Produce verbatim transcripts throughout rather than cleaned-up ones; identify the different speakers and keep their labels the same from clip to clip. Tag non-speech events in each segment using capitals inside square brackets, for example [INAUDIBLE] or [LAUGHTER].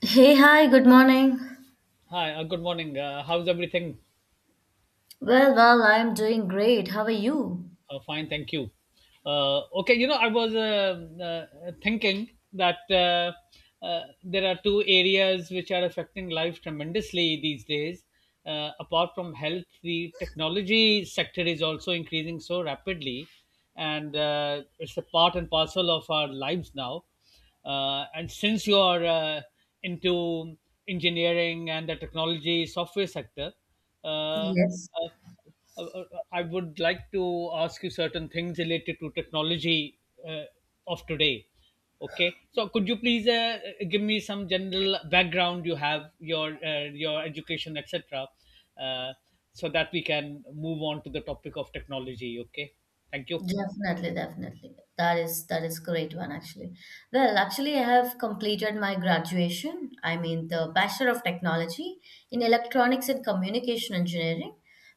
Speaker 1: Hey, hi, good morning.
Speaker 2: Hi, uh, good morning. Uh, how's everything?
Speaker 1: Well, well, I'm doing great. How are you?
Speaker 2: Uh, fine, thank you. Uh, okay, you know, I was uh, uh, thinking that uh, uh, there are two areas which are affecting life tremendously these days. Uh, apart from health, the technology sector is also increasing so rapidly, and uh, it's a part and parcel of our lives now. Uh, and since you are uh, into engineering and the technology software sector, uh, uh,
Speaker 1: Yes.
Speaker 2: uh, uh, I would like to ask you certain things related to technology uh, of today. Okay, so could you please uh, give me some general background you have, your uh, your education, et cetera, uh, so that we can move on to the topic of technology. Okay, thank you.
Speaker 1: Definitely, definitely. That is that is great one actually. Well, actually, I have completed my graduation. I mean, the Bachelor of Technology in Electronics and Communication Engineering.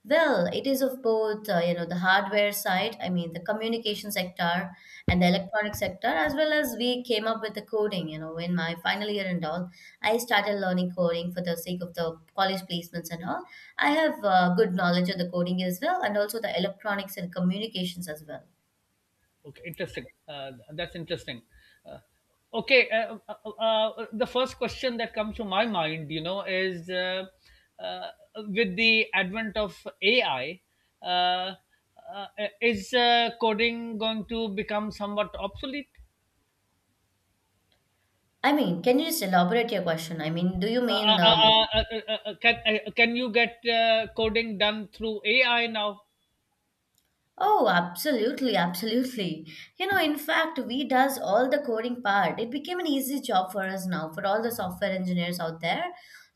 Speaker 1: Well, it is of both, uh, you know, the hardware side. I mean, the communication sector and the electronic sector, as well as we came up with the coding. You know, in my final year and all, I started learning coding for the sake of the college placements and all. I have uh, good knowledge of the coding as well, and also the electronics and communications as well.
Speaker 2: Okay, interesting. Uh, that's interesting. Uh, okay, uh, uh, uh, uh, the first question that comes to my mind, you know, is uh, uh, with the advent of A I, uh, uh, is uh, coding going to become somewhat obsolete?
Speaker 1: I mean, can you just elaborate your question? I mean, do you
Speaker 2: Uh,
Speaker 1: mean?
Speaker 2: uh,
Speaker 1: Uh,
Speaker 2: uh, uh, uh, uh, uh, uh, can uh, can you get uh, coding done through A I now?
Speaker 1: oh, absolutely, absolutely. You know, in fact, we does all the coding part. It became an easy job for us now, for all the software engineers out there.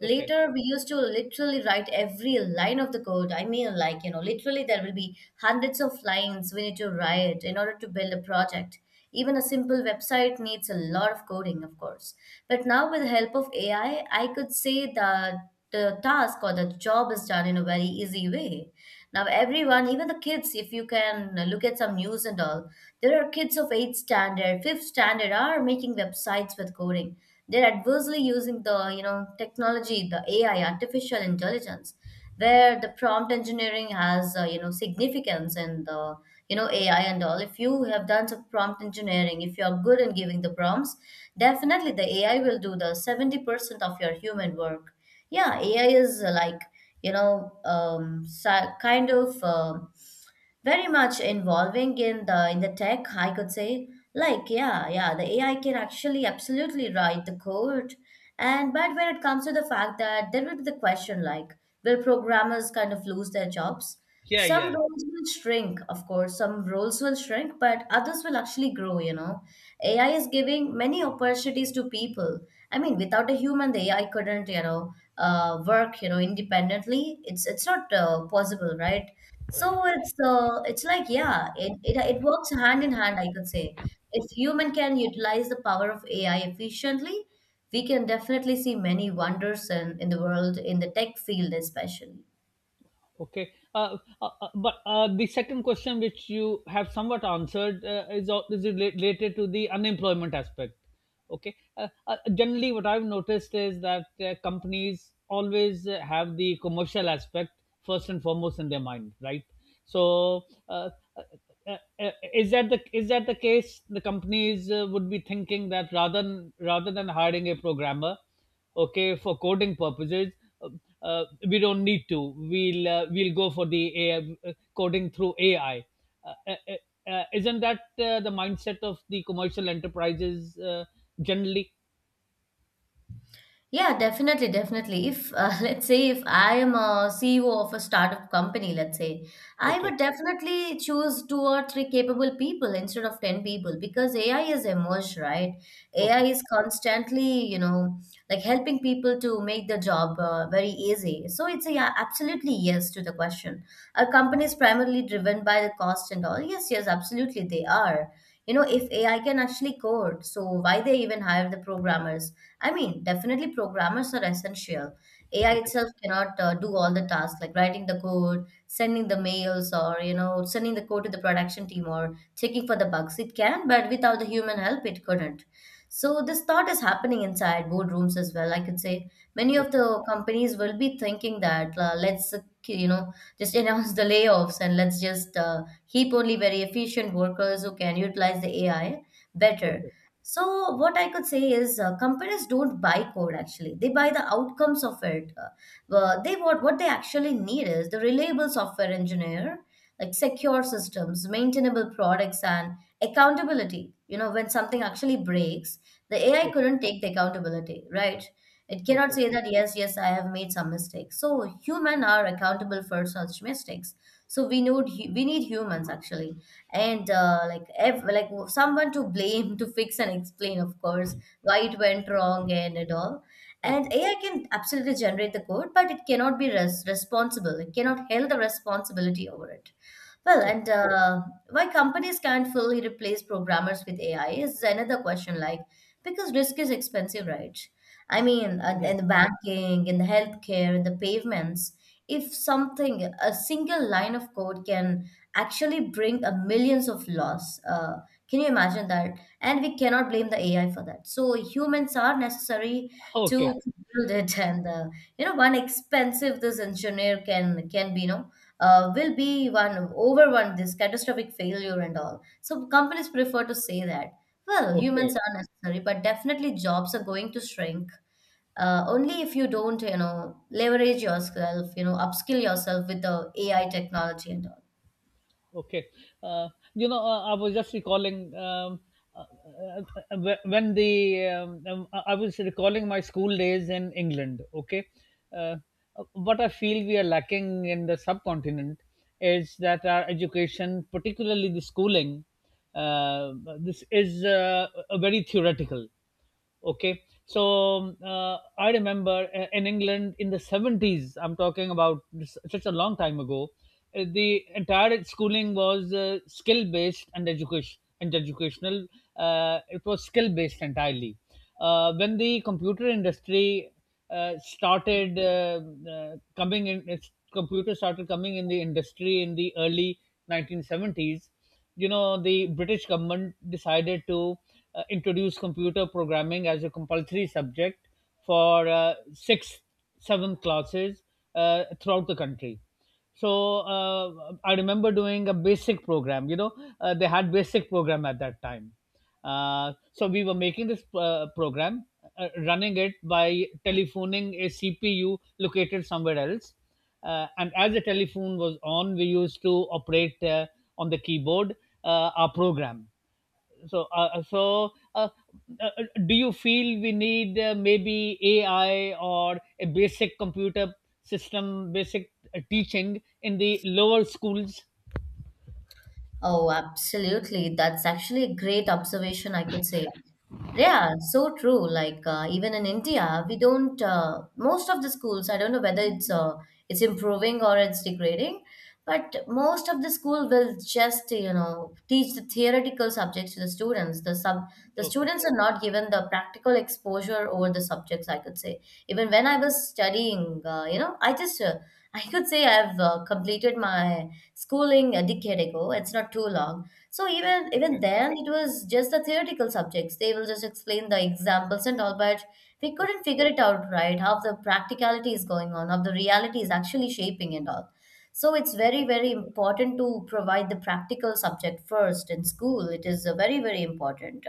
Speaker 2: Okay.
Speaker 1: Later, we used to literally write every line of the code. I mean, like, you know, literally there will be hundreds of lines we need to write in order to build a project. Even a simple website needs a lot of coding, of course. But now, with the help of A I, I I could say that the task or the job is done in a very easy way. Now, everyone, even the kids, if you can look at some news and all, there are kids of eighth standard, fifth standard are making websites with coding. They're adversely using the, you know, technology, the A I, artificial intelligence where the prompt engineering has uh, you know significance and the you know A I and all. If you have done some prompt engineering, if you are good in giving the prompts, definitely the A I will do the seventy percent of your human work. Yeah, A I is uh, like you know um, si- kind of. um very much involving in the in the tech, I could say. Like yeah yeah the AI can actually absolutely write the code. And but when it comes to the fact that there will be the question like will programmers kind of lose their jobs,
Speaker 2: Yeah.
Speaker 1: some
Speaker 2: Yeah.
Speaker 1: roles will shrink, of course, some roles will shrink, but others will actually grow, you know. AI is giving many opportunities to people. I mean, without a human, the AI couldn't, you know, uh, work, you know, independently. It's it's not uh, possible, right? So
Speaker 2: Right.
Speaker 1: it's uh, it's like yeah, it, it it works hand in hand, I could say. If human can utilize the power of A I efficiently, we can definitely see many wonders in, in the world, in the tech field especially.
Speaker 2: Okay, uh, uh, uh, but uh, the second question, which you have somewhat answered, uh, is al- is rela- related to the unemployment aspect. Okay, uh, uh, generally, what I've noticed is that uh, companies always uh, have the commercial aspect first and foremost in their mind, right? So, uh, uh, uh, uh, is that the is that the case? The companies uh, would be thinking that rather than rather than hiring a programmer, okay, for coding purposes. uh, uh, we don't need to, we'll uh, we'll go for the A I, uh, coding through AI, uh, uh, uh, uh, isn't that uh, the mindset of the commercial enterprises uh, generally?
Speaker 1: Yeah, definitely, definitely. If uh, [LAUGHS] let's say if I am a C E O of a startup company, let's say, I
Speaker 2: Okay.
Speaker 1: would definitely choose two or three capable people instead of ten people because A I has emerged, right? A I
Speaker 2: Okay.
Speaker 1: is constantly, you know, like helping people to make the job uh, very easy. So it's a yeah, absolutely yes to the question. Are companies primarily driven by the cost and all? Yes, yes, absolutely they are. You know, if A I can actually code, so why they even hire the programmers? I mean, definitely programmers are essential. A I
Speaker 2: Okay.
Speaker 1: itself cannot uh, do all the tasks like writing the code, sending the mails, or you know, sending the code to the production team or checking for the bugs. It can, but without the human help, it couldn't. So this thought is happening inside boardrooms as well. I could say many of the companies will be thinking that uh, let's uh, you know just [LAUGHS] announce the layoffs and let's just uh, keep only very efficient workers who can utilize the A I better.
Speaker 2: Okay.
Speaker 1: So what I could say is uh, companies don't buy code actually. They buy the outcomes of it. Uh, uh, they what what they actually need is the reliable software engineer, like secure systems, maintainable products, and accountability. You know, when something actually breaks, the A I
Speaker 2: Okay.
Speaker 1: couldn't take the accountability, right? It cannot
Speaker 2: Okay. Okay.
Speaker 1: say that yes, yes, I have made some mistakes. So human are accountable for such mistakes. So we need hu- we need humans actually, and uh, like ev- like someone to blame [LAUGHS] to fix and explain, of course, why it went wrong and, and all. And
Speaker 2: Okay.
Speaker 1: AI can absolutely generate the code, but it cannot be res- responsible. It cannot held the responsibility over it. Well,
Speaker 2: Okay.
Speaker 1: and uh, why companies can't fully replace programmers with AI is another question, like because risk is expensive, right? I mean, and in
Speaker 2: Right.
Speaker 1: the banking, in the healthcare, in the pavements, if something, a single line of code can actually bring a millions of loss. Uh, can you imagine that? And we cannot blame the A I for that. So humans are necessary to
Speaker 2: Okay.
Speaker 1: build it, [LAUGHS] and uh, you know, one expensive this engineer can can be, you know, uh, will be one over one this catastrophic failure and all. So companies prefer to say that. Well,
Speaker 2: Okay.
Speaker 1: humans are necessary, but definitely jobs are going to shrink. Uh, only if you don't, you know, leverage yourself, you know, upskill yourself with the A I technology and all.
Speaker 2: Okay. Uh, you know, uh, I was just recalling um, uh, uh, uh, wh- when the um, um, I I was recalling my school days in England. Okay. Uh, what I feel we are lacking in the subcontinent is that our education, particularly the schooling, uh, this is uh, a very theoretical. Okay. So um, uh, I remember uh, in England in the seventies. I'm talking about s- such a long time ago. Uh, the entire schooling was uh, skill based and education and educational. Uh, it was skill based entirely. Uh, when the computer industry uh, started uh, uh, coming in its, computer started coming in the industry in the early nineteen seventies. You know, the British government decided to uh, introduce computer programming as a compulsory subject for uh, sixth, seventh classes uh, throughout the country. So uh, I remember doing a basic program, you know. Uh, they had basic program at that time. Uh, so we were making this uh, program, uh, running it by telephoning a CPU located somewhere else, uh, and as the telephone was on, we used to operate uh, on the keyboard uh, our program. So, uh, uh, so uh, uh, do you feel we need uh, maybe A I or a basic computer system, basic uh, teaching in the lower schools?
Speaker 1: Oh, absolutely. That's actually a great observation, I could say. Yeah, so true. Like uh, even in India, we don't. Uh, most of the schools, I don't know whether it's uh, it's improving or it's degrading, but most of the school will just you know teach the theoretical subjects to the students. The sub the
Speaker 2: Okay.
Speaker 1: students are not given the practical exposure over the subjects. I could say even when I was studying, uh, you know, I just uh, [LAUGHS] I could say I've uh, completed my schooling a decade ago. It's not too long. So even even
Speaker 2: Okay.
Speaker 1: then, it was just the theoretical subjects. They will just explain the examples and all, but we couldn't
Speaker 2: Okay.
Speaker 1: figure it out right how the practicality is going on, how the reality is actually shaping and all. So it's very
Speaker 2: Okay.
Speaker 1: very important to provide the practical subject first in school. It is uh, very very important.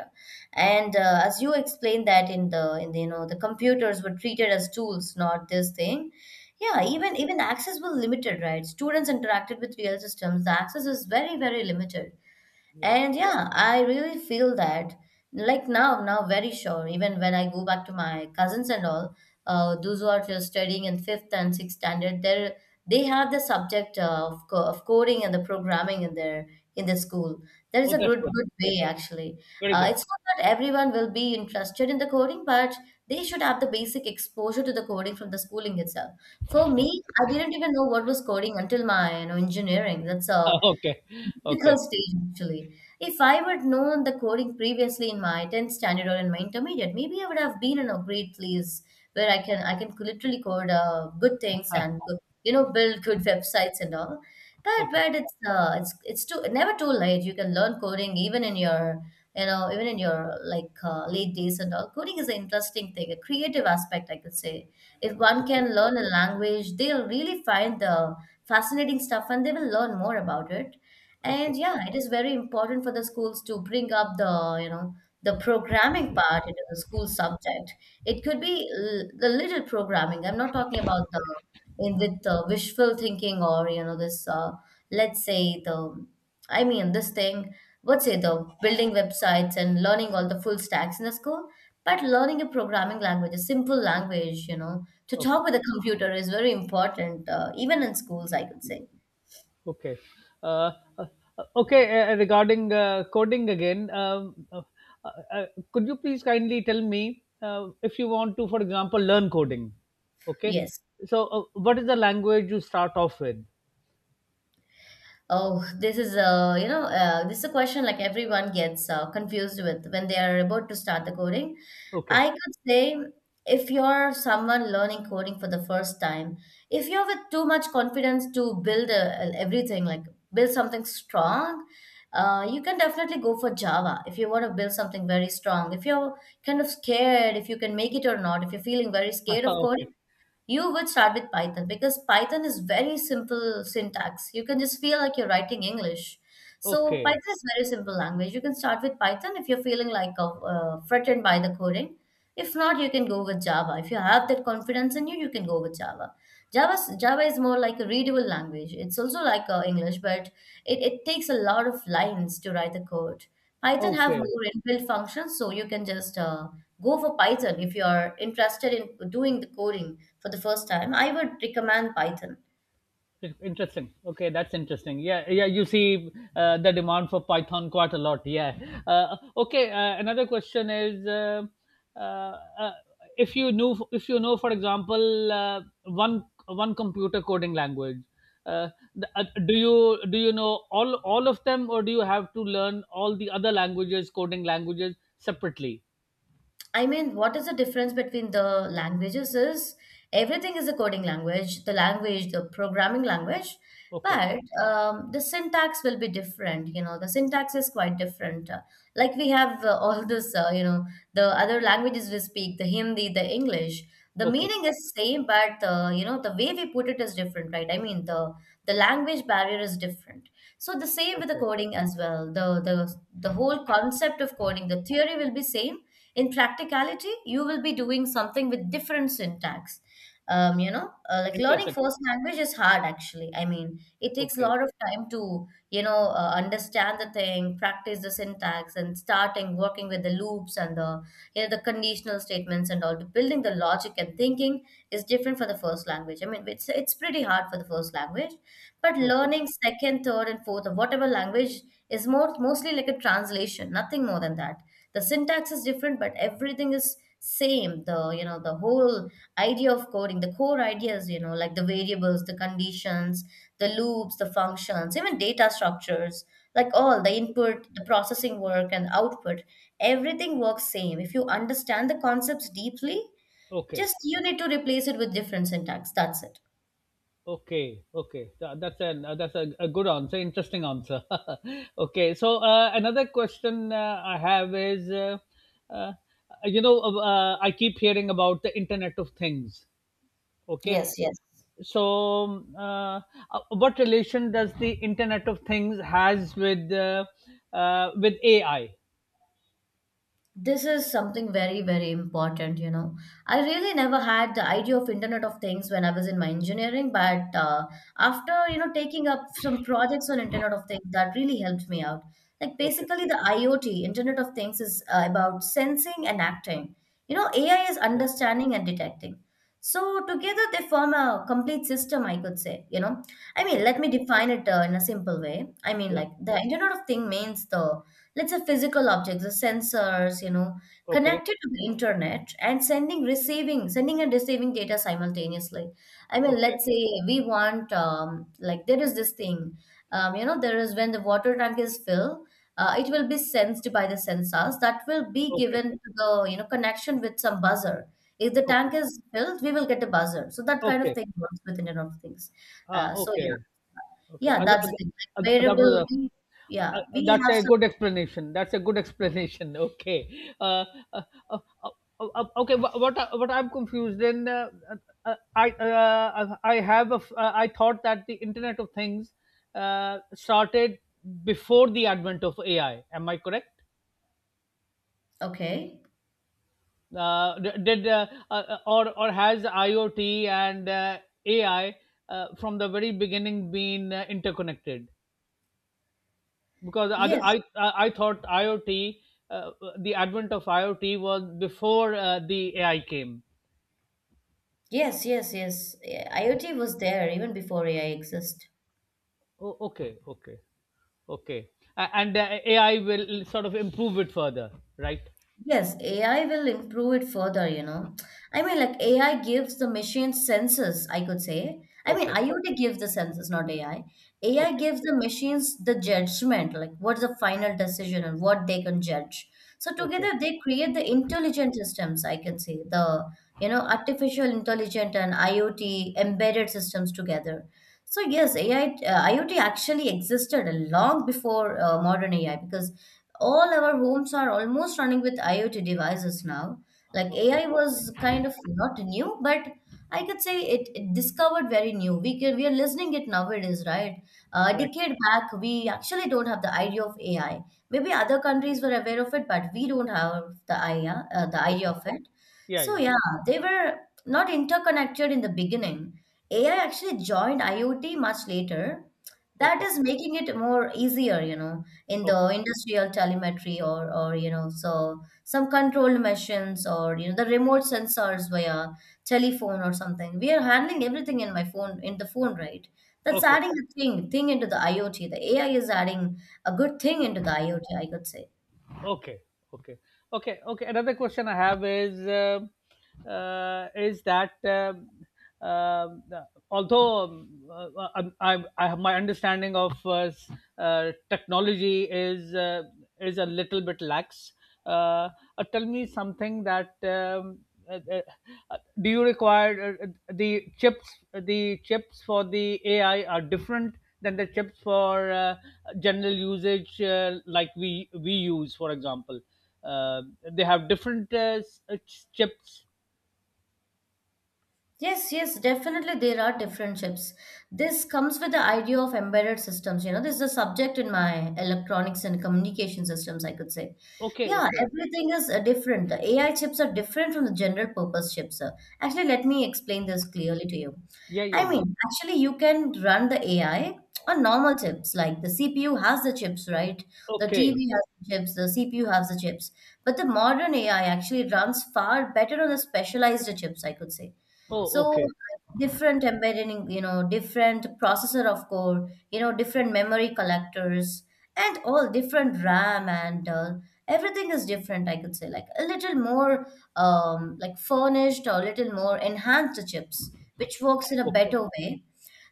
Speaker 1: And uh, as you explained that in the in the you know the computers were treated as tools, not this thing. Yeah,
Speaker 2: Yeah.
Speaker 1: even even access was limited, right? Students interacted with real systems. The access is very, very limited.
Speaker 2: Right.
Speaker 1: And yeah, I really feel that like now, now very sure, even when I go back to my cousins and all, uh, those who are just studying in fifth and sixth standard, they they have the subject of, co- of coding and the programming in their in the school. That is
Speaker 2: Oh,
Speaker 1: a
Speaker 2: that's
Speaker 1: good
Speaker 2: good.
Speaker 1: good way actually.
Speaker 2: Very
Speaker 1: Uh,
Speaker 2: good. [LAUGHS]
Speaker 1: it's not that everyone will be interested in the coding, but they should have the basic exposure to the coding from the schooling itself. For me, I didn't even know what was coding until my you know engineering. That's a
Speaker 2: Uh, okay. Okay.
Speaker 1: difficult stage actually. If I would known the coding previously in my tenth standard or in my intermediate, maybe I would have been in a great place where I can I can literally code uh, good things and good, you know, build [LAUGHS] good websites and all. But
Speaker 2: Okay.
Speaker 1: but it's uh, it's it's too never too late. You can learn coding even in your you know even in your like uh, late days and all. Coding is an interesting thing, a creative aspect I could say. If one
Speaker 2: Okay.
Speaker 1: can learn a language, they'll really find the fascinating stuff and they will learn more about it.
Speaker 2: Okay.
Speaker 1: And yeah, it is very important for the schools to bring up the, you know, the programming part into the school subject. It could be l the little programming. I'm not talking about the in with the wishful thinking or, you know, this uh, let's say the I mean this thing, let's say the building websites and learning all the full stacks in the school, but learning a programming language, a simple language, you know, to
Speaker 2: Okay.
Speaker 1: talk with a computer is very important, uh, even in schools, I could say.
Speaker 2: Okay. Uh, uh, okay. Uh, regarding uh, coding again, um, uh, uh, uh, could you please kindly tell me uh, if you want to, for example, learn coding? Okay.
Speaker 1: Yes.
Speaker 2: So, uh, what is the language you start off with?
Speaker 1: Oh, this is a you know uh, this is a question like everyone gets uh, confused with when they are about to start the coding.
Speaker 2: Okay.
Speaker 1: I could say if you're someone learning coding for the first time, if you're with too much confidence to build a, everything like build something strong, uh, you can definitely go for Java if you want to build something very strong. If you're kind of scared, if you can make it or not, if you're feeling very scared
Speaker 2: [LAUGHS]
Speaker 1: of
Speaker 2: Okay.
Speaker 1: coding, you would start with Python because Python is very simple syntax. You can just feel like you're writing English. So Python
Speaker 2: Okay.
Speaker 1: is very simple language. You can start with Python if you're feeling like uh, uh, threatened by the coding. If not, you can go with Java. If you have that confidence in you, you can go with Java. Java Java is more like a readable language. It's also like uh, English, but it, it takes a lot of lines to write the code. Python have
Speaker 2: Okay.
Speaker 1: more inbuilt functions, so you can just uh, go for Python if you are interested in doing the coding for the first time. I would recommend Python.
Speaker 2: Interesting. Okay, that's interesting. Yeah, yeah, you see, uh, the demand for Python quite a lot, yeah. Uh, okay, uh, another question is uh, uh, uh, if you knew if you know, for example, uh, one one computer coding language, uh, the- uh, do you do you know all all of them, or do you have to learn all the other languages, coding languages, separately?
Speaker 1: I mean, what is the difference between the languages is everything is a coding language, the language, the programming language,
Speaker 2: Okay.
Speaker 1: but um, the syntax will be different. You know, the syntax is quite different. Uh, like we have uh, [LAUGHS] all this, uh, you know, the other languages we speak, the Hindi, the English. The
Speaker 2: Okay.
Speaker 1: meaning is same, but uh, you know the way we put it is different, right? I mean, the the language barrier is different. So the same with the
Speaker 2: Okay.
Speaker 1: coding as well. The the the whole concept of coding, the theory will be same. In practicality, you will be doing something with different syntax. Um, you know uh, like learning
Speaker 2: Interesting.
Speaker 1: first language is hard actually. I mean, it takes a
Speaker 2: Okay.
Speaker 1: lot of time to you know uh, understand the thing, practice the syntax, and starting working with the loops and the, you know, the conditional statements and all, building the logic and thinking is different for the first language. I mean, it's it's pretty hard for the first language, but
Speaker 2: Okay.
Speaker 1: learning second, third, and fourth or whatever language is more mostly like a translation, nothing more than that. The syntax is different, but everything is same, the, you know, the whole idea of coding, the core ideas, you know, like the variables, the conditions, the loops, the functions, even data structures, like all the input, the processing work, and output, everything works same if you understand the concepts deeply.
Speaker 2: Okay.
Speaker 1: Just you need to replace it with different syntax, that's it.
Speaker 2: Okay, okay. Tha- that's an uh, that's a, a good answer, interesting answer. [LAUGHS] Okay, so uh, another question uh, I have is, uh, uh, you know, uh, I keep hearing about the Internet of Things. Okay,
Speaker 1: Yes, yes.
Speaker 2: so um, uh, uh, what relation does the Internet of Things has with uh, uh, with A I?
Speaker 1: This is something very, very important, you know. I really never had the idea of Internet of Things when I was in my engineering, but uh, after, you know, taking up some projects on Internet of Things, that really helped me out. Like
Speaker 2: Okay.
Speaker 1: basically the IoT, Internet of Things is uh, about sensing and acting. You know, A I is
Speaker 2: Okay.
Speaker 1: understanding and detecting. So together they form a complete system, I could say, you know. I mean, let
Speaker 2: Okay.
Speaker 1: me define it uh, in a simple way. I mean,
Speaker 2: Yeah.
Speaker 1: like the Internet of Thing means the, let's say, physical objects, the sensors, you know,
Speaker 2: Okay.
Speaker 1: connected to the internet and sending, receiving, sending and receiving data simultaneously. I mean,
Speaker 2: Okay.
Speaker 1: let's say we want, um, like there is this thing, um, you know, there is when the water tank is filled, uh, it will be sensed by the sensors that will be
Speaker 2: Okay.
Speaker 1: given to the, you know, connection with some buzzer. If the
Speaker 2: Okay.
Speaker 1: tank is filled, we will get a buzzer. So that kind of
Speaker 2: Okay.
Speaker 1: thing works with Internet of Things.
Speaker 2: Ah,
Speaker 1: Uh, so yeah,
Speaker 2: okay. Okay, uh,
Speaker 1: yeah, that's
Speaker 2: uh,
Speaker 1: the thing.
Speaker 2: uh, uh,
Speaker 1: Like
Speaker 2: that
Speaker 1: variable,
Speaker 2: was
Speaker 1: we,
Speaker 2: a- uh,
Speaker 1: yeah,
Speaker 2: uh,
Speaker 1: we
Speaker 2: that's
Speaker 1: have.
Speaker 2: a good explanation. That's a good explanation. [LAUGHS] Okay. Uh, uh, uh, uh, uh, uh, okay. Wha- What I- what I'm confused in, uh, uh, uh, I uh, uh, I have a f- uh, I thought that the Internet of Things uh, started before the advent of A I. Am I correct?
Speaker 1: Okay.
Speaker 2: Uh, d- did uh, uh, or or has IoT and uh, A I uh, from the very beginning been uh, interconnected? Because I
Speaker 1: Yes.
Speaker 2: I, I thought IoT, uh, the advent of IoT was before uh, the A I came.
Speaker 1: Yes, yes, yes. Yeah, IoT was there even before A I exist.
Speaker 2: Oh, okay. Okay. Okay. A- and uh, A I will sort of improve it further, right?
Speaker 1: Yes, A I will improve it further, you know. I mean, like A I gives the machine senses, I could say. I mean,
Speaker 2: Okay.
Speaker 1: IoT gives the senses, not A I. A I
Speaker 2: Okay.
Speaker 1: gives the machines the judgment, like what's the final decision and what they can judge. So
Speaker 2: Okay.
Speaker 1: together they create the intelligent systems, I can say, the, you know, artificial intelligent and IoT embedded systems together. So yes, A I, uh, IoT actually existed long before uh, modern A I because all our homes are almost running with IoT devices now. Like
Speaker 2: Okay.
Speaker 1: A I was kind of not new, but I could say it, it discovered very new. We can, we are listening it nowadays, right? Uh, A
Speaker 2: Right.
Speaker 1: decade back, we actually don't have the idea of A I. Maybe other countries were aware of it, but we don't have the idea, uh, the idea
Speaker 2: Okay.
Speaker 1: of it.
Speaker 2: Yeah.
Speaker 1: So
Speaker 2: Yeah.
Speaker 1: yeah, they were not interconnected in the beginning. A I actually joined IoT much later. That
Speaker 2: Okay.
Speaker 1: is making it more easier, you know, in the
Speaker 2: Okay.
Speaker 1: industrial telemetry, or, or you know, so some controlled machines, or you know, the remote sensors via telephone or something. We are handling everything in my phone, in the phone, right? That's
Speaker 2: Okay.
Speaker 1: adding a thing thing into the IoT. The A I is adding a good thing into the IoT, I could say.
Speaker 2: Okay. Okay. Okay. Okay. Another question I have is uh, uh, is that, um, um, uh, although, um, uh, I'm, I'm, I have my understanding of uh, s- uh, technology is uh, is a little bit lax. uh, uh, Tell me something that, um, uh, uh, uh, do you require uh, uh, the chips the chips for the AI are different than the chips for uh, general usage, uh, like we we use, for example, uh, they have different uh, s- uh, ch- chips.
Speaker 1: Yes, yes, definitely there are different chips. This comes with the idea of embedded systems. You know, this is a subject in my electronics and communication systems, I could say.
Speaker 2: Okay.
Speaker 1: Yeah,
Speaker 2: Okay.
Speaker 1: everything is uh, different. The A I chips are different from the general purpose chips. Uh. Actually, let me explain this clearly to you.
Speaker 2: Yeah. Yeah.
Speaker 1: I
Speaker 2: Yeah.
Speaker 1: mean, actually, you can run the A I on normal chips, like the C P U has the chips, right? The
Speaker 2: Okay.
Speaker 1: T V has the chips, the C P U has the chips. But the modern A I actually runs far better on the specialized chips, I could say.
Speaker 2: Oh,
Speaker 1: So
Speaker 2: okay.
Speaker 1: different embedding, you know, different processor of core, you know, different memory collectors and all, different RAM and uh, everything is different, I could say, like a little more um, like furnished or a little more enhanced chips, which works in a
Speaker 2: Okay.
Speaker 1: better way.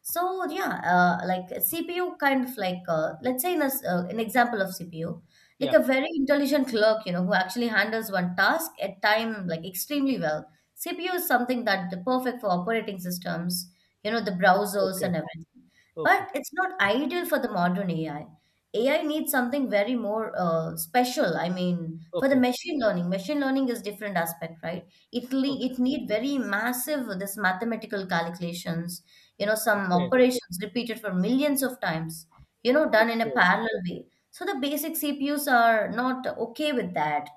Speaker 1: So yeah, uh, like C P U kind of like uh, let's say in a, s- uh, an example of C P U, like
Speaker 2: Yeah.
Speaker 1: a very intelligent clerk, you know, who actually handles one task at time like extremely well. C P U is something that the perfect for operating systems, you know, the browsers
Speaker 2: Okay.
Speaker 1: and everything.
Speaker 2: Okay.
Speaker 1: But it's not ideal for the modern A I. A I needs something very more uh, special. I mean, for the
Speaker 2: Okay.
Speaker 1: machine learning, machine learning is different aspect, right? It le-
Speaker 2: Okay.
Speaker 1: it need very massive this mathematical calculations, you know, some
Speaker 2: Okay.
Speaker 1: operations repeated for millions of times, you know, done in a
Speaker 2: Okay.
Speaker 1: parallel way. So the basic CPUs are not okay with that.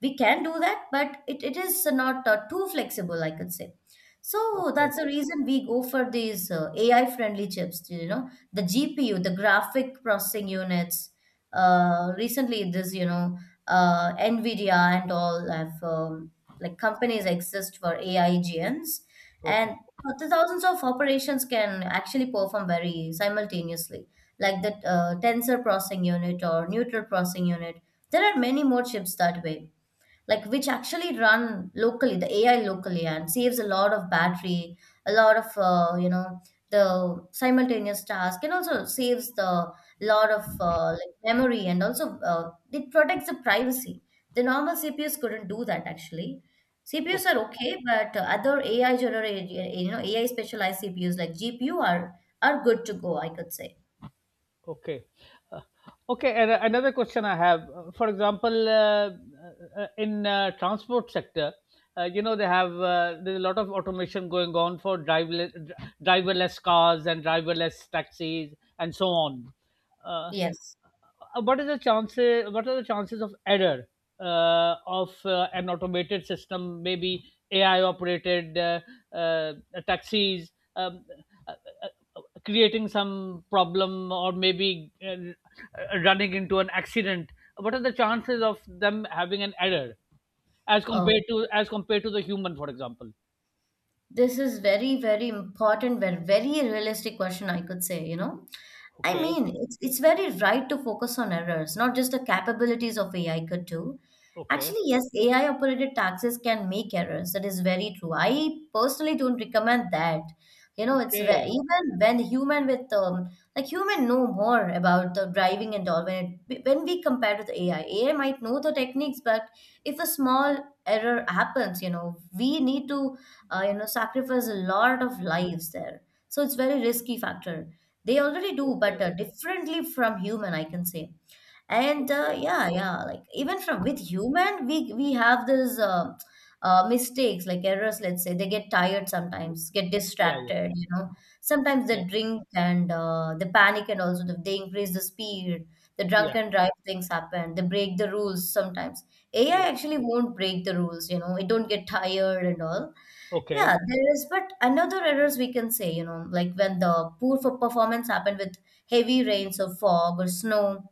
Speaker 1: We can do that, but it, it is not uh, too flexible, I could say. So
Speaker 2: Okay.
Speaker 1: that's the
Speaker 2: Okay.
Speaker 1: reason we go for these uh, AI friendly chips, you know, the GPU, the graphic processing units. Uh, recently this, you know, uh, Nvidia and all have, um, like companies exist for AI gens, and
Speaker 2: Okay.
Speaker 1: uh, the thousands of operations can actually perform very simultaneously, like the uh, tensor processing unit or neutral processing unit. There are many more chips that way, like which actually run locally, the A I locally, and saves a lot of battery, a lot of uh, you know, the simultaneous task, and also saves the lot of uh, like memory, and also uh, it protects the privacy. The normal C P Us couldn't do that actually. C P Us are
Speaker 2: Okay.
Speaker 1: okay, but uh, other A I generated, you know, A I specialized C P Us like G P U are are good to go, I could say.
Speaker 2: Okay. Uh, okay. And uh, another question I have, uh, for example, uh, uh, uh, in uh, transport sector, uh, you know they have, uh, there's a lot of automation going on for driverless, driverless cars and driverless taxis and so on. Uh,
Speaker 1: Yes.
Speaker 2: uh, what is the chances? What are the chances of error uh, of uh, an automated system, maybe A I operated uh, uh, taxis? Um, uh, uh, Creating some problem or maybe uh, running into an accident, what are the chances of them having an error as
Speaker 1: Oh,
Speaker 2: compared to as compared to the human, for example?
Speaker 1: this is very, very important, very, very realistic question, I could say, you know. I
Speaker 2: Okay.
Speaker 1: mean, it's, it's very right to focus on errors, not just the capabilities of A I could do.
Speaker 2: Okay.
Speaker 1: Actually, yes, A I operated taxes can make errors. That is very true. I personally don't recommend that. You know, it's ve-
Speaker 2: Okay.
Speaker 1: even when human with um, like human know more about the driving and all. When it, when we compare with A I, A I might know the techniques, but if a small error happens, you know, we need to uh, you know, sacrifice a lot of lives there. So it's very risky factor. They already do, but
Speaker 2: Okay.
Speaker 1: uh, differently from human, I can say. And uh,
Speaker 2: Okay.
Speaker 1: yeah, yeah, like even from with human, we we have this uh, uh, mistakes like errors. Let's say they get tired sometimes, get
Speaker 2: Yeah. Yeah.
Speaker 1: distracted. You know, sometimes they
Speaker 2: Yeah.
Speaker 1: drink and uh, they panic, and also the, they increase the speed. The
Speaker 2: Yeah.
Speaker 1: drunk and drive things happen. They break the rules sometimes.
Speaker 2: Yeah.
Speaker 1: A I actually won't break the rules. You know, it don't get tired and all.
Speaker 2: Okay.
Speaker 1: Yeah, there is, but another errors we can say, you know, like when the poor for performance happened with heavy rains or fog or snow,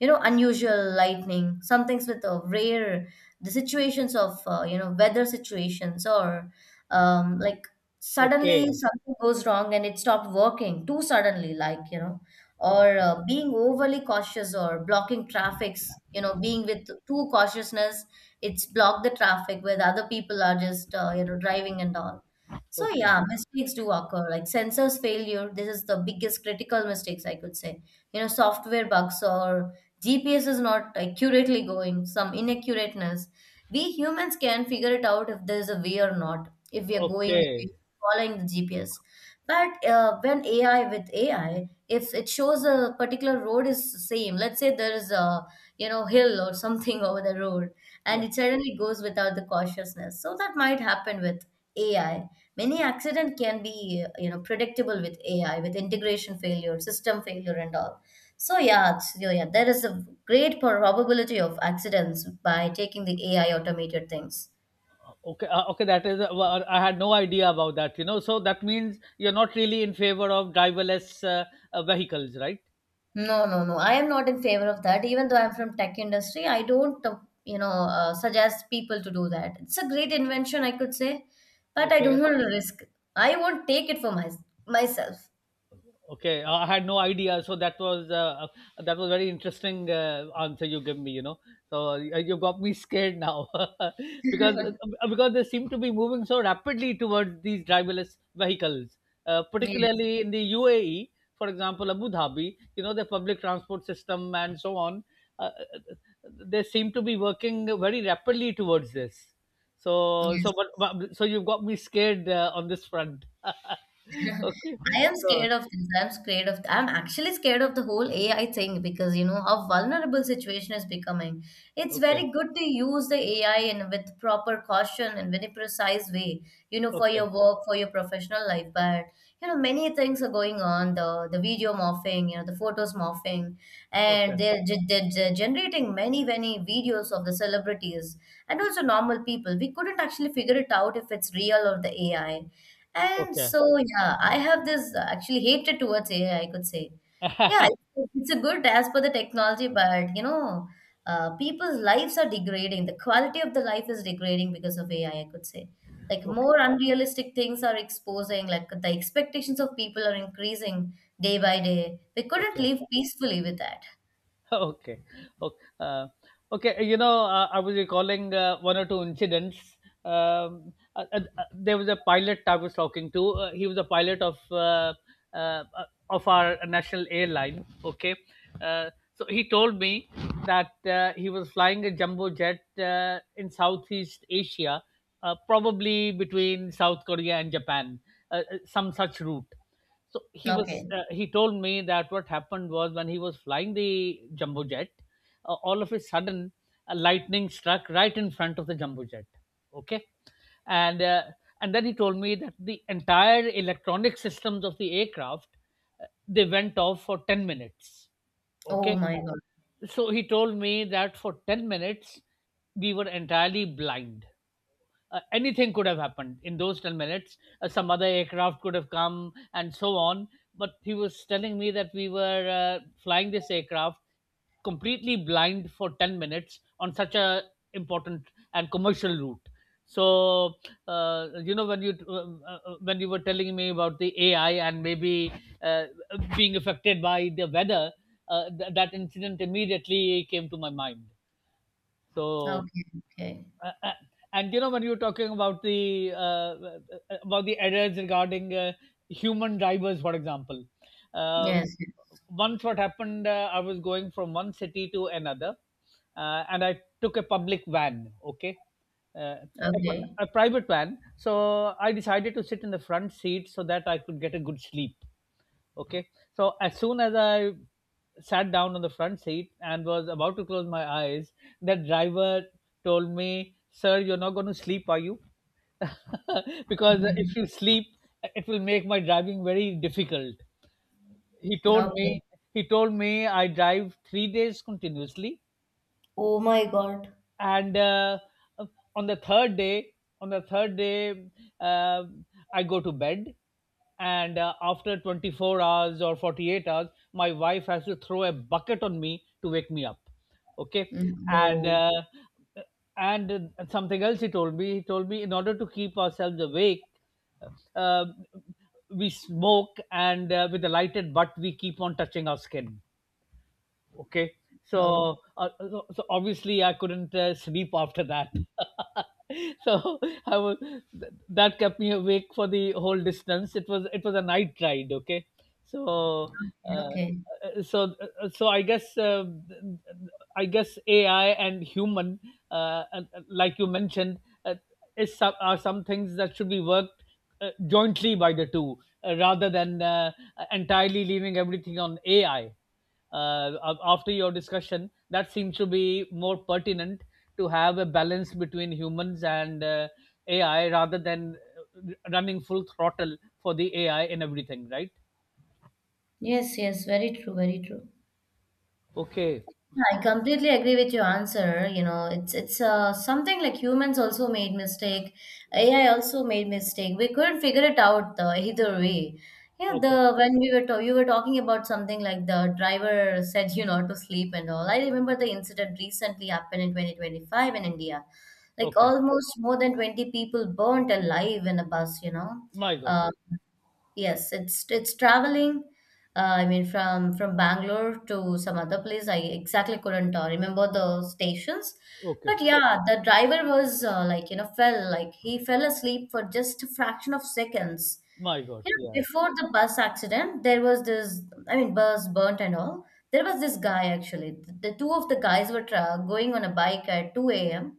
Speaker 1: you know, unusual lightning, some things with a rare, the situations of uh, you know, weather situations, or um, like suddenly
Speaker 2: Okay.
Speaker 1: something goes wrong and it stopped working too suddenly, like you know, or
Speaker 2: Okay.
Speaker 1: uh, being overly cautious or blocking traffics, you know, being with too cautiousness, it's blocked the traffic where the other people are just uh, you know, driving and all. So
Speaker 2: Okay.
Speaker 1: yeah, mistakes do occur, like sensors failure, this is the biggest critical mistakes I could say, you know, software bugs or G P S is not accurately going, some inaccurateness. We humans can figure it out if there's a way or not, if we are going, if we are
Speaker 2: Okay.
Speaker 1: following the G P S. But uh, when A I with A I, if it shows a particular road is same, let's say there is a, you know, hill or something [LAUGHS] over the road, and
Speaker 2: Yeah.
Speaker 1: it suddenly goes without the cautiousness. So that might happen with A I. Many accident can be you know predictable with A I, with integration failure, system failure, and all. So yeah, so yeah, there is a great probability of accidents by taking the A I automated things.
Speaker 2: Okay. Uh, okay, that is uh, well, I had no idea about that, you know. So that means you're not really in favor of driverless uh, uh, vehicles, right?
Speaker 1: No, no, no. I am not in favor of that. Even though I'm from tech industry, I don't, uh, you know, uh, suggest people to do that. It's a great invention, I could say, but I
Speaker 2: Okay.
Speaker 1: don't want to risk. I won't take it for my, myself.
Speaker 2: Okay, uh, I had no idea. So that was uh, uh, that was very interesting uh, answer you give me. You know, so uh, you got me scared now [LAUGHS] because uh, because they seem to be moving so rapidly towards these driverless vehicles, uh,
Speaker 1: Yes,
Speaker 2: particularly in the U A E, for example, Abu Dhabi. You know, the public transport system and so on. Uh, they seem to be working very rapidly towards this. So
Speaker 1: yes.
Speaker 2: so but, but so you've got me scared uh, on this front. [LAUGHS]
Speaker 1: [LAUGHS]
Speaker 2: Okay,
Speaker 1: I am
Speaker 2: so
Speaker 1: scared of this. I'm scared of. I'm actually scared of the whole A I thing because you know how vulnerable situation is becoming. It's
Speaker 2: okay.
Speaker 1: very good to use the A I in with proper caution and very precise way, you know, for
Speaker 2: Okay,
Speaker 1: your work, for your professional life. But you know, many things are going on. The the video morphing, you know, the photos morphing, and
Speaker 2: okay,
Speaker 1: they're, ge- they're, they're generating many many videos of the celebrities and also normal people. We couldn't actually figure it out if it's real or the A I. And
Speaker 2: okay,
Speaker 1: so, yeah, I have this uh, actually hatred towards A I, I I could say. Yeah, it's, it's a good as per the technology, but you know, uh, people's lives are degrading. The quality of the life is degrading because of A I, I I could say. Like
Speaker 2: okay,
Speaker 1: more unrealistic things are exposing, like the expectations of people are increasing day by day. We couldn't
Speaker 2: okay.
Speaker 1: live peacefully with that.
Speaker 2: [LAUGHS] Okay, okay. Uh, okay. You know, uh, I was recalling uh, one or two incidents. Um, uh, uh, uh, there was a pilot I was talking to. Uh, he was a pilot of uh, uh, uh, of our national airline. Okay, uh, so he told me that uh, he was flying a jumbo jet uh, in Southeast Asia, uh, probably between South Korea and Japan, uh, uh, some such route. So he was.
Speaker 1: Okay.
Speaker 2: Uh, he told me that what happened was when he was flying the jumbo jet, uh, all of a sudden, a lightning struck right in front of the jumbo jet. Okay, and uh, and then he told me that the entire electronic systems of the aircraft, uh, they went off for ten minutes.
Speaker 1: Oh
Speaker 2: Okay,
Speaker 1: my God.
Speaker 2: so he told me that for ten minutes we were entirely blind. Uh, anything could have happened in those ten minutes. Uh, some other aircraft could have come and so on. But he was telling me that we were uh, flying this aircraft completely blind for ten minutes on such a important and commercial route. So, uh, you know, when you uh, uh, when you were telling me about the A I and maybe uh, being affected by the weather, uh, th- that incident immediately came to my mind. So
Speaker 1: Okay. Okay.
Speaker 2: uh, uh, and you know when you were talking about the uh, uh, about the errors regarding uh, human drivers, for example, uh,
Speaker 1: Yes, yes.
Speaker 2: once what happened, uh, I was going from one city to another, uh, and I took a public van. Okay. uh, a, pri-
Speaker 1: Okay.
Speaker 2: a private van. So I decided to sit in the front seat so that I could get a good sleep. Okay. So as soon as I sat down on the front seat and was about to close my eyes, that driver told me, "Sir, you're not going to sleep, are you? [LAUGHS] Because
Speaker 1: Mhm.
Speaker 2: if you sleep, it will make my driving very difficult." He told
Speaker 1: Okay.
Speaker 2: me, he told me I drive three days continuously
Speaker 1: Oh my God.
Speaker 2: and uh, on the third day on the third day uh, I go to bed, and uh, after twenty-four hours or forty-eight hours my wife has to throw a bucket on me to wake me up. Okay.
Speaker 1: Mm,
Speaker 2: and
Speaker 1: oh,
Speaker 2: uh, and uh, something else he told me he told me in order to keep ourselves awake, uh, we smoke, and uh, with a lighted butt we keep on touching our skin. Okay.
Speaker 1: oh.
Speaker 2: So, uh, so so obviously I couldn't uh, sleep after that. [LAUGHS] So I was th- that kept me awake for the whole distance. It was it was a night ride. Okay. So uh,
Speaker 1: Okay.
Speaker 2: so so i guess, uh, i guess AI and human, uh, and- and like you mentioned, uh, is some, are some things that should be worked uh, jointly by the two, uh, rather than uh, entirely leaving everything on AI. Uh, af- after your discussion, that seems to be more pertinent, to have a balance between humans and, uh, AI, rather than uh, running full throttle for the AI in everything, right?
Speaker 1: Yes, yes, very true, very true.
Speaker 2: Okay.
Speaker 1: Yeah, I completely agree with your answer. You know, it's it's uh, something like humans also made mistake. A I also made mistake. We couldn't figure it out uh, either way. Yeah, the
Speaker 2: Okay.
Speaker 1: when we were to- you were talking about something like the driver said you not to sleep and all. I remember the incident recently happened in twenty twenty-five in India. Like
Speaker 2: Okay.
Speaker 1: almost more than twenty people burnt alive in a bus, you know.
Speaker 2: My God.
Speaker 1: uh, Yes, it's it's traveling. Uh, I mean, from from Bangalore to some other place, I exactly couldn't uh, remember the stations.
Speaker 2: Okay.
Speaker 1: But yeah, the driver was uh, like you know fell like he fell asleep for just a fraction of seconds.
Speaker 2: My God.
Speaker 1: You know,
Speaker 2: Yeah.
Speaker 1: before the bus accident, there was this. I mean, bus burnt and all. There was this guy actually. The, the two of the guys were tra going on a bike at two a m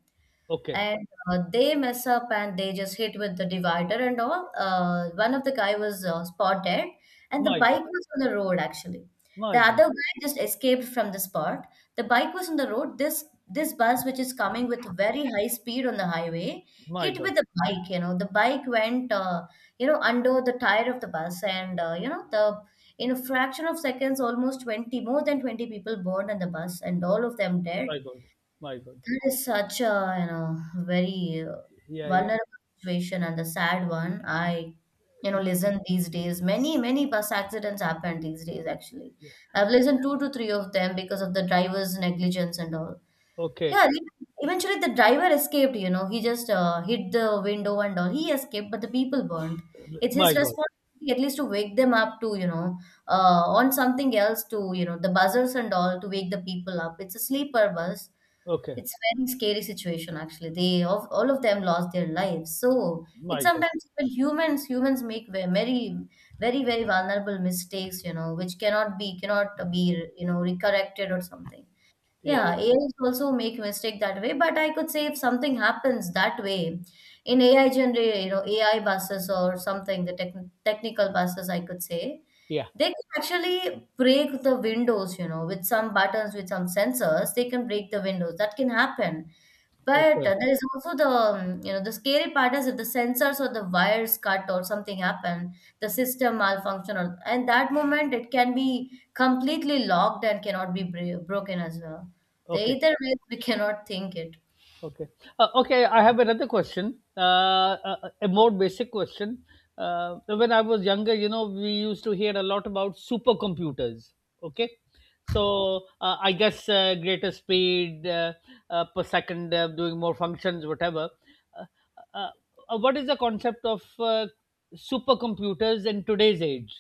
Speaker 2: Okay.
Speaker 1: and uh, they mess up and they just hit with the divider and all. Uh, one of the guy was uh, spotted, and the
Speaker 2: My God.
Speaker 1: bike was on the road actually.
Speaker 2: My
Speaker 1: The
Speaker 2: God.
Speaker 1: other guy just escaped from the spot. The bike was on the road. This this bus, which is coming with very high speed on the highway,
Speaker 2: My
Speaker 1: hit
Speaker 2: God.
Speaker 1: with the bike. You know, the bike went uh, you know under the tire of the bus, and uh, you know the in a fraction of seconds, almost twenty more than twenty people burned on the bus, and all of them dead.
Speaker 2: My God. My God.
Speaker 1: That is such a, you know, very uh,
Speaker 2: Yeah. Yeah.
Speaker 1: vulnerable situation and the sad one. I, you know, listen these days. Many, many bus accidents happen these days, actually. I've listened two to three of them because of the driver's negligence and all.
Speaker 2: Okay.
Speaker 1: Yeah, ev- eventually the driver escaped, you know. He just uh, hit the window and all. He escaped, but the people burned. It's his
Speaker 2: My God.
Speaker 1: responsibility at least to wake them up to, you know, uh, on something else to, you know, the buzzers and all to wake the people up. It's a sleeper bus.
Speaker 2: Okay.
Speaker 1: It's very scary situation actually. They of all of them lost their lives. So it's
Speaker 2: My God.
Speaker 1: sometimes even humans humans make ve- very very very vulnerable mistakes, you know, which cannot be cannot be you know recorrected or something.
Speaker 2: Yeah.
Speaker 1: Yeah, A Is also make mistake that way, but I could say if something happens that way in A I generate, you know, A I buses or something, the tech technical buses, I could say,
Speaker 2: Yeah.
Speaker 1: they can actually break the windows, you know, with some buttons, with some sensors, they can break the windows. That can happen.
Speaker 2: Yeah.
Speaker 1: But
Speaker 2: Okay.
Speaker 1: uh, there is also the, um, you know, the scary part is if the sensors or the wires cut or something happen, the system malfunction, or and that moment it can be completely locked and cannot be bre- broken as well. The
Speaker 2: Okay.
Speaker 1: either ways we [LAUGHS] cannot think it.
Speaker 2: Okay. Uh, okay, I have another question, uh, a, a more basic question. Uh, when I was younger, you know, we used to hear a lot about supercomputers. Okay. So uh, I guess, uh, greater speed, uh, uh, per second, uh, doing more functions, whatever. Uh, uh, uh, what is the concept of uh, supercomputers in today's age?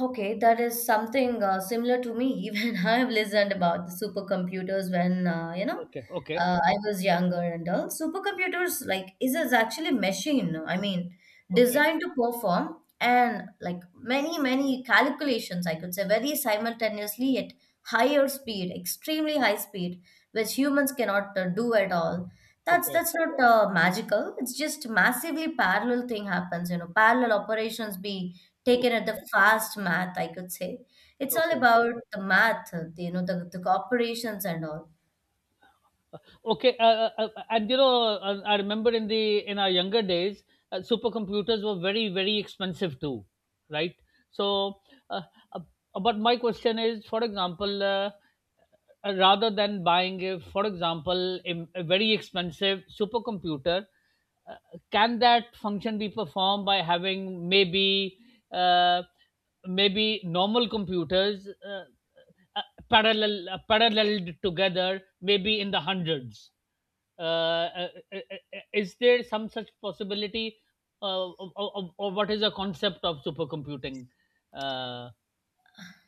Speaker 1: Okay, that is something uh, similar to me. [LAUGHS] Even I have listened about the supercomputers when uh, you know
Speaker 2: Okay. Okay.
Speaker 1: uh, I was younger and all. Supercomputers like is is actually machine. I mean,
Speaker 2: Okay.
Speaker 1: designed to perform and like many many calculations. I could say very simultaneously at higher speed, extremely high speed, which humans cannot uh, do at all. That's
Speaker 2: Okay.
Speaker 1: that's not uh, magical. It's just massively parallel thing happens. You know, parallel operations be taken
Speaker 2: Okay.
Speaker 1: at the fast math, I could say. It's all
Speaker 2: Okay.
Speaker 1: about the math, uh, you know, the, the corporations and all.
Speaker 2: Okay, uh, uh, uh, and you know, uh, I remember in the in our younger days, uh, supercomputers were very very expensive too, right? So, uh, uh, uh, but my question is, for example, uh, uh, rather than buying a, for example, a, a very expensive supercomputer, uh, can that function be performed by having maybe, uh, maybe, normal computers, uh, uh, parallel uh, paralleled together, maybe in the hundreds? uh, uh, uh, uh, uh, is there some such possibility, uh, of, of, or what is the concept of supercomputing? uh,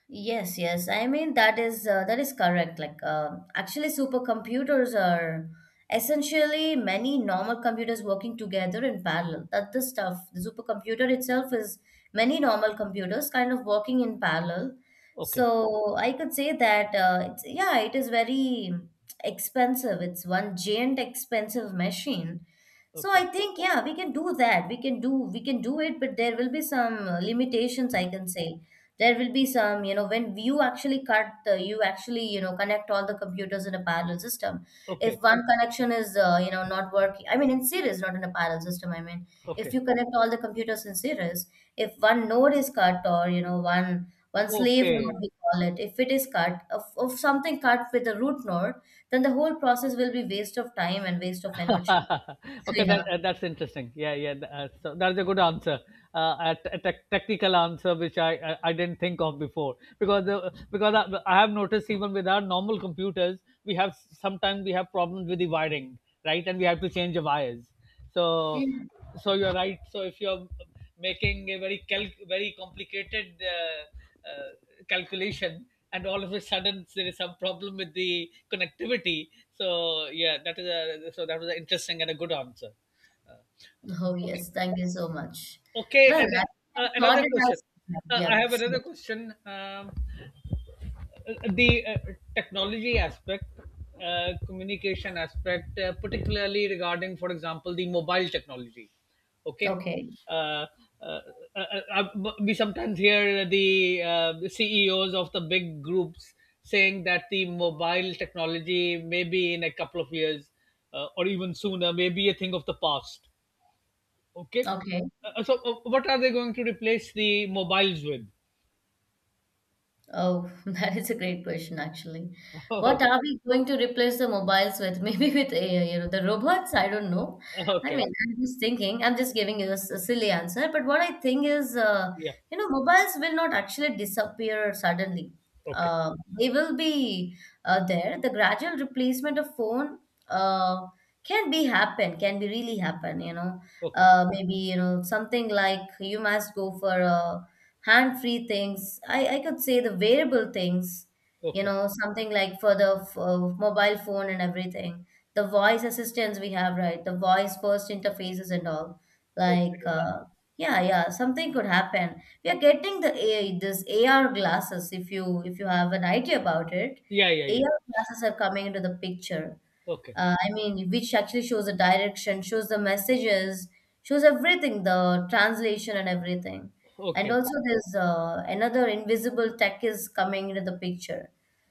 Speaker 1: Yes, yes. I mean that is uh, that is correct. Like uh, actually, supercomputers are essentially many normal computers working together in parallel. That the stuff, the supercomputer itself is many normal computers kind of working in parallel.
Speaker 2: okay
Speaker 1: So I could say that uh, it's yeah, it is very expensive. It's one giant expensive machine. So I
Speaker 2: okay
Speaker 1: think yeah, we can do that. We can do we can do it, but there will be some uh, limitations. I can say there will be some you know when you actually cut the you actually you know connect all the computers in a parallel system if
Speaker 2: okay
Speaker 1: one connection is uh, you know not working, I mean in series, not in a parallel system, I mean if
Speaker 2: okay
Speaker 1: you connect all the computers in series, if one node is cut or you know one one slave
Speaker 2: okay
Speaker 1: node we call it, if it is cut of, of something cut with the root node, then the whole process will be waste of time and waste of energy.
Speaker 2: [LAUGHS]
Speaker 1: [LAUGHS]
Speaker 2: okay
Speaker 1: Yeah.
Speaker 2: that uh, that's interesting. Yeah, yeah th- uh, so that's a good answer, uh, a, t- a tec- technical answer which I, I i didn't think of before, because uh, because I, I have noticed, even with our normal computers, we have sometimes we have problems with the wiring, right, and we have to change the wires. so
Speaker 1: Mm.
Speaker 2: so you're right. So if you're making a very cal- very complicated uh, uh, calculation, and all of a sudden there is some problem with the connectivity, so yeah, that is a so that was an interesting and a good answer. uh,
Speaker 1: Oh
Speaker 2: okay
Speaker 1: yes, thank you so much.
Speaker 2: okay
Speaker 1: well
Speaker 2: And
Speaker 1: i I
Speaker 2: uh, uh,
Speaker 1: thought
Speaker 2: another
Speaker 1: it has
Speaker 2: question.
Speaker 1: yeah,
Speaker 2: Uh, i
Speaker 1: yeah,
Speaker 2: have
Speaker 1: sure.
Speaker 2: another question. Um, uh, the uh, technology aspect, uh, communication aspect, uh, particularly regarding, for example, the mobile technology. Okay.
Speaker 1: Okay,
Speaker 2: Uh, uh, uh, uh, uh, we sometimes hear the uh, the C E Os of the big groups saying that the mobile technology maybe in a couple of years, uh, or even sooner, may be a thing of the past. Okay.
Speaker 1: okay.
Speaker 2: Uh, uh, so, uh, what are they going to replace the mobiles with?
Speaker 1: Oh, [LAUGHS] that is a great question, actually.
Speaker 2: [LAUGHS]
Speaker 1: What
Speaker 2: Okay.
Speaker 1: are we going to replace the mobiles with? [LAUGHS] Maybe with A I, you know, the robots? I don't know. I
Speaker 2: Okay.
Speaker 1: mean, I'm just thinking, I'm just giving you a, s- a silly answer. But what I think is, uh,
Speaker 2: Yeah.
Speaker 1: you know, mobiles will not actually disappear suddenly.
Speaker 2: Okay.
Speaker 1: Uh, they will be uh, there. The gradual replacement of phone uh, can be happen, can be really happen, you know.
Speaker 2: Okay.
Speaker 1: Uh, maybe, you know, something like you must go for a hand free things. I, I could say the wearable things, you
Speaker 2: Okay.
Speaker 1: know, something like for the f- uh, mobile phone and everything. The voice assistants we have, right? The voice first interfaces and all. Like,
Speaker 2: Okay.
Speaker 1: uh, yeah, yeah, something could happen. We are getting the A I, this A R glasses. If you if you have an idea about it,
Speaker 2: Yeah, yeah, yeah.
Speaker 1: A R glasses are coming into the picture.
Speaker 2: Okay.
Speaker 1: Uh, I mean, which actually shows the direction, shows the messages, shows everything, the translation and everything. And
Speaker 2: Okay.
Speaker 1: also, there's uh, another invisible tech is coming into the picture.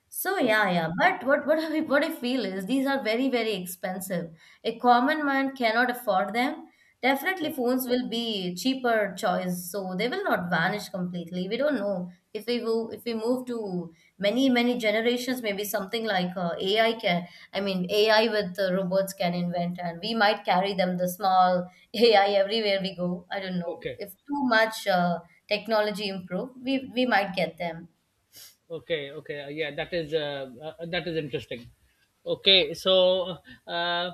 Speaker 1: So
Speaker 2: Okay.
Speaker 1: yeah, yeah. But what what I [LAUGHS] what I feel is these are very very expensive. A common man cannot afford them. Definitely, phones will be cheaper choice, so they will not vanish completely. We don't know if we will, if we move to many many generations, maybe something like uh, A I can, I mean, A I with the robots can invent, and we might carry them the small [LAUGHS] A I everywhere we go. I don't know
Speaker 2: Okay.
Speaker 1: if too much uh, technology improve, we we might get them.
Speaker 2: Okay. Okay. Uh, yeah, that is, uh, uh, that is interesting. Okay, so, uh, uh,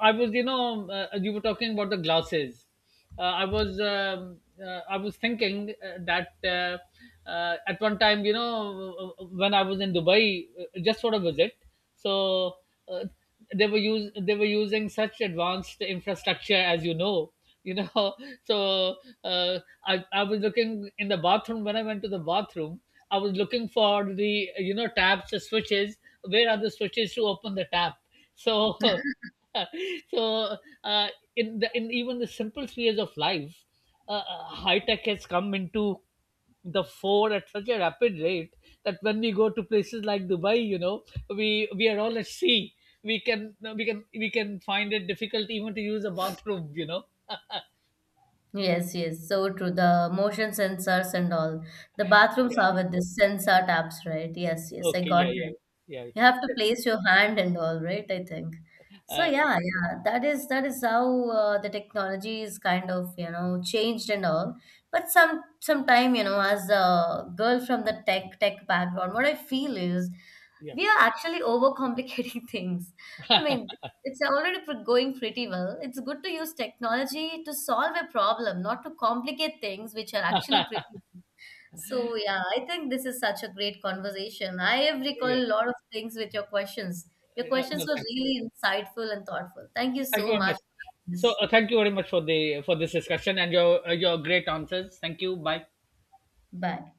Speaker 2: I was, you know, uh, you were talking about the glasses. Uh, I was, um, uh, I was thinking uh, that uh, uh, at one time, you know, uh, uh, when I was in Dubai, uh, just for a visit, so, uh, they were use they were using such advanced infrastructure, as you know. You know, [LAUGHS] so, uh, I I was looking in the bathroom when I went to the bathroom. I was looking for the, you know, taps, the switches. Where are the switches to open the tap? So [LAUGHS] so uh, in the in even the simple spheres of life, uh, uh, high tech has come into the phone at such a rapid rate that when we go to places like Dubai, you know, we we are all at sea. We can we can we can find it difficult even to use a bathroom, you know.
Speaker 1: Yes, yes, so true. The motion sensors and all. The bathrooms are
Speaker 2: Yeah.
Speaker 1: with the sensor taps, right? Yes, yes, I
Speaker 2: Okay.
Speaker 1: got
Speaker 2: Yeah.
Speaker 1: it.
Speaker 2: Yeah.
Speaker 1: You
Speaker 2: Yeah.
Speaker 1: have to place your hand and all, right? I think.
Speaker 2: Yeah.
Speaker 1: So
Speaker 2: Uh,
Speaker 1: yeah, yeah, that is that is how uh, the technology is kind of, you know, changed and all. But some sometime, you know, as a girl from the tech tech background, what I feel is
Speaker 2: yeah.
Speaker 1: we are actually overcomplicating [LAUGHS] things. I mean, it's already pr- going pretty well. It's good to use technology to solve a problem, not to complicate things which are actually pretty. So yeah, I think this is such a great conversation. I have recalled
Speaker 2: Yeah.
Speaker 1: a lot of things with your questions. Your
Speaker 2: Uh, uh,
Speaker 1: questions
Speaker 2: no,
Speaker 1: were
Speaker 2: thank you.
Speaker 1: really insightful and thoughtful. Thank you
Speaker 2: Thank
Speaker 1: so
Speaker 2: you very
Speaker 1: much
Speaker 2: much.
Speaker 1: for
Speaker 2: So,
Speaker 1: this.
Speaker 2: uh, thank you very much for the for this discussion and your, uh, your great answers. Thank you. Bye.
Speaker 1: Bye.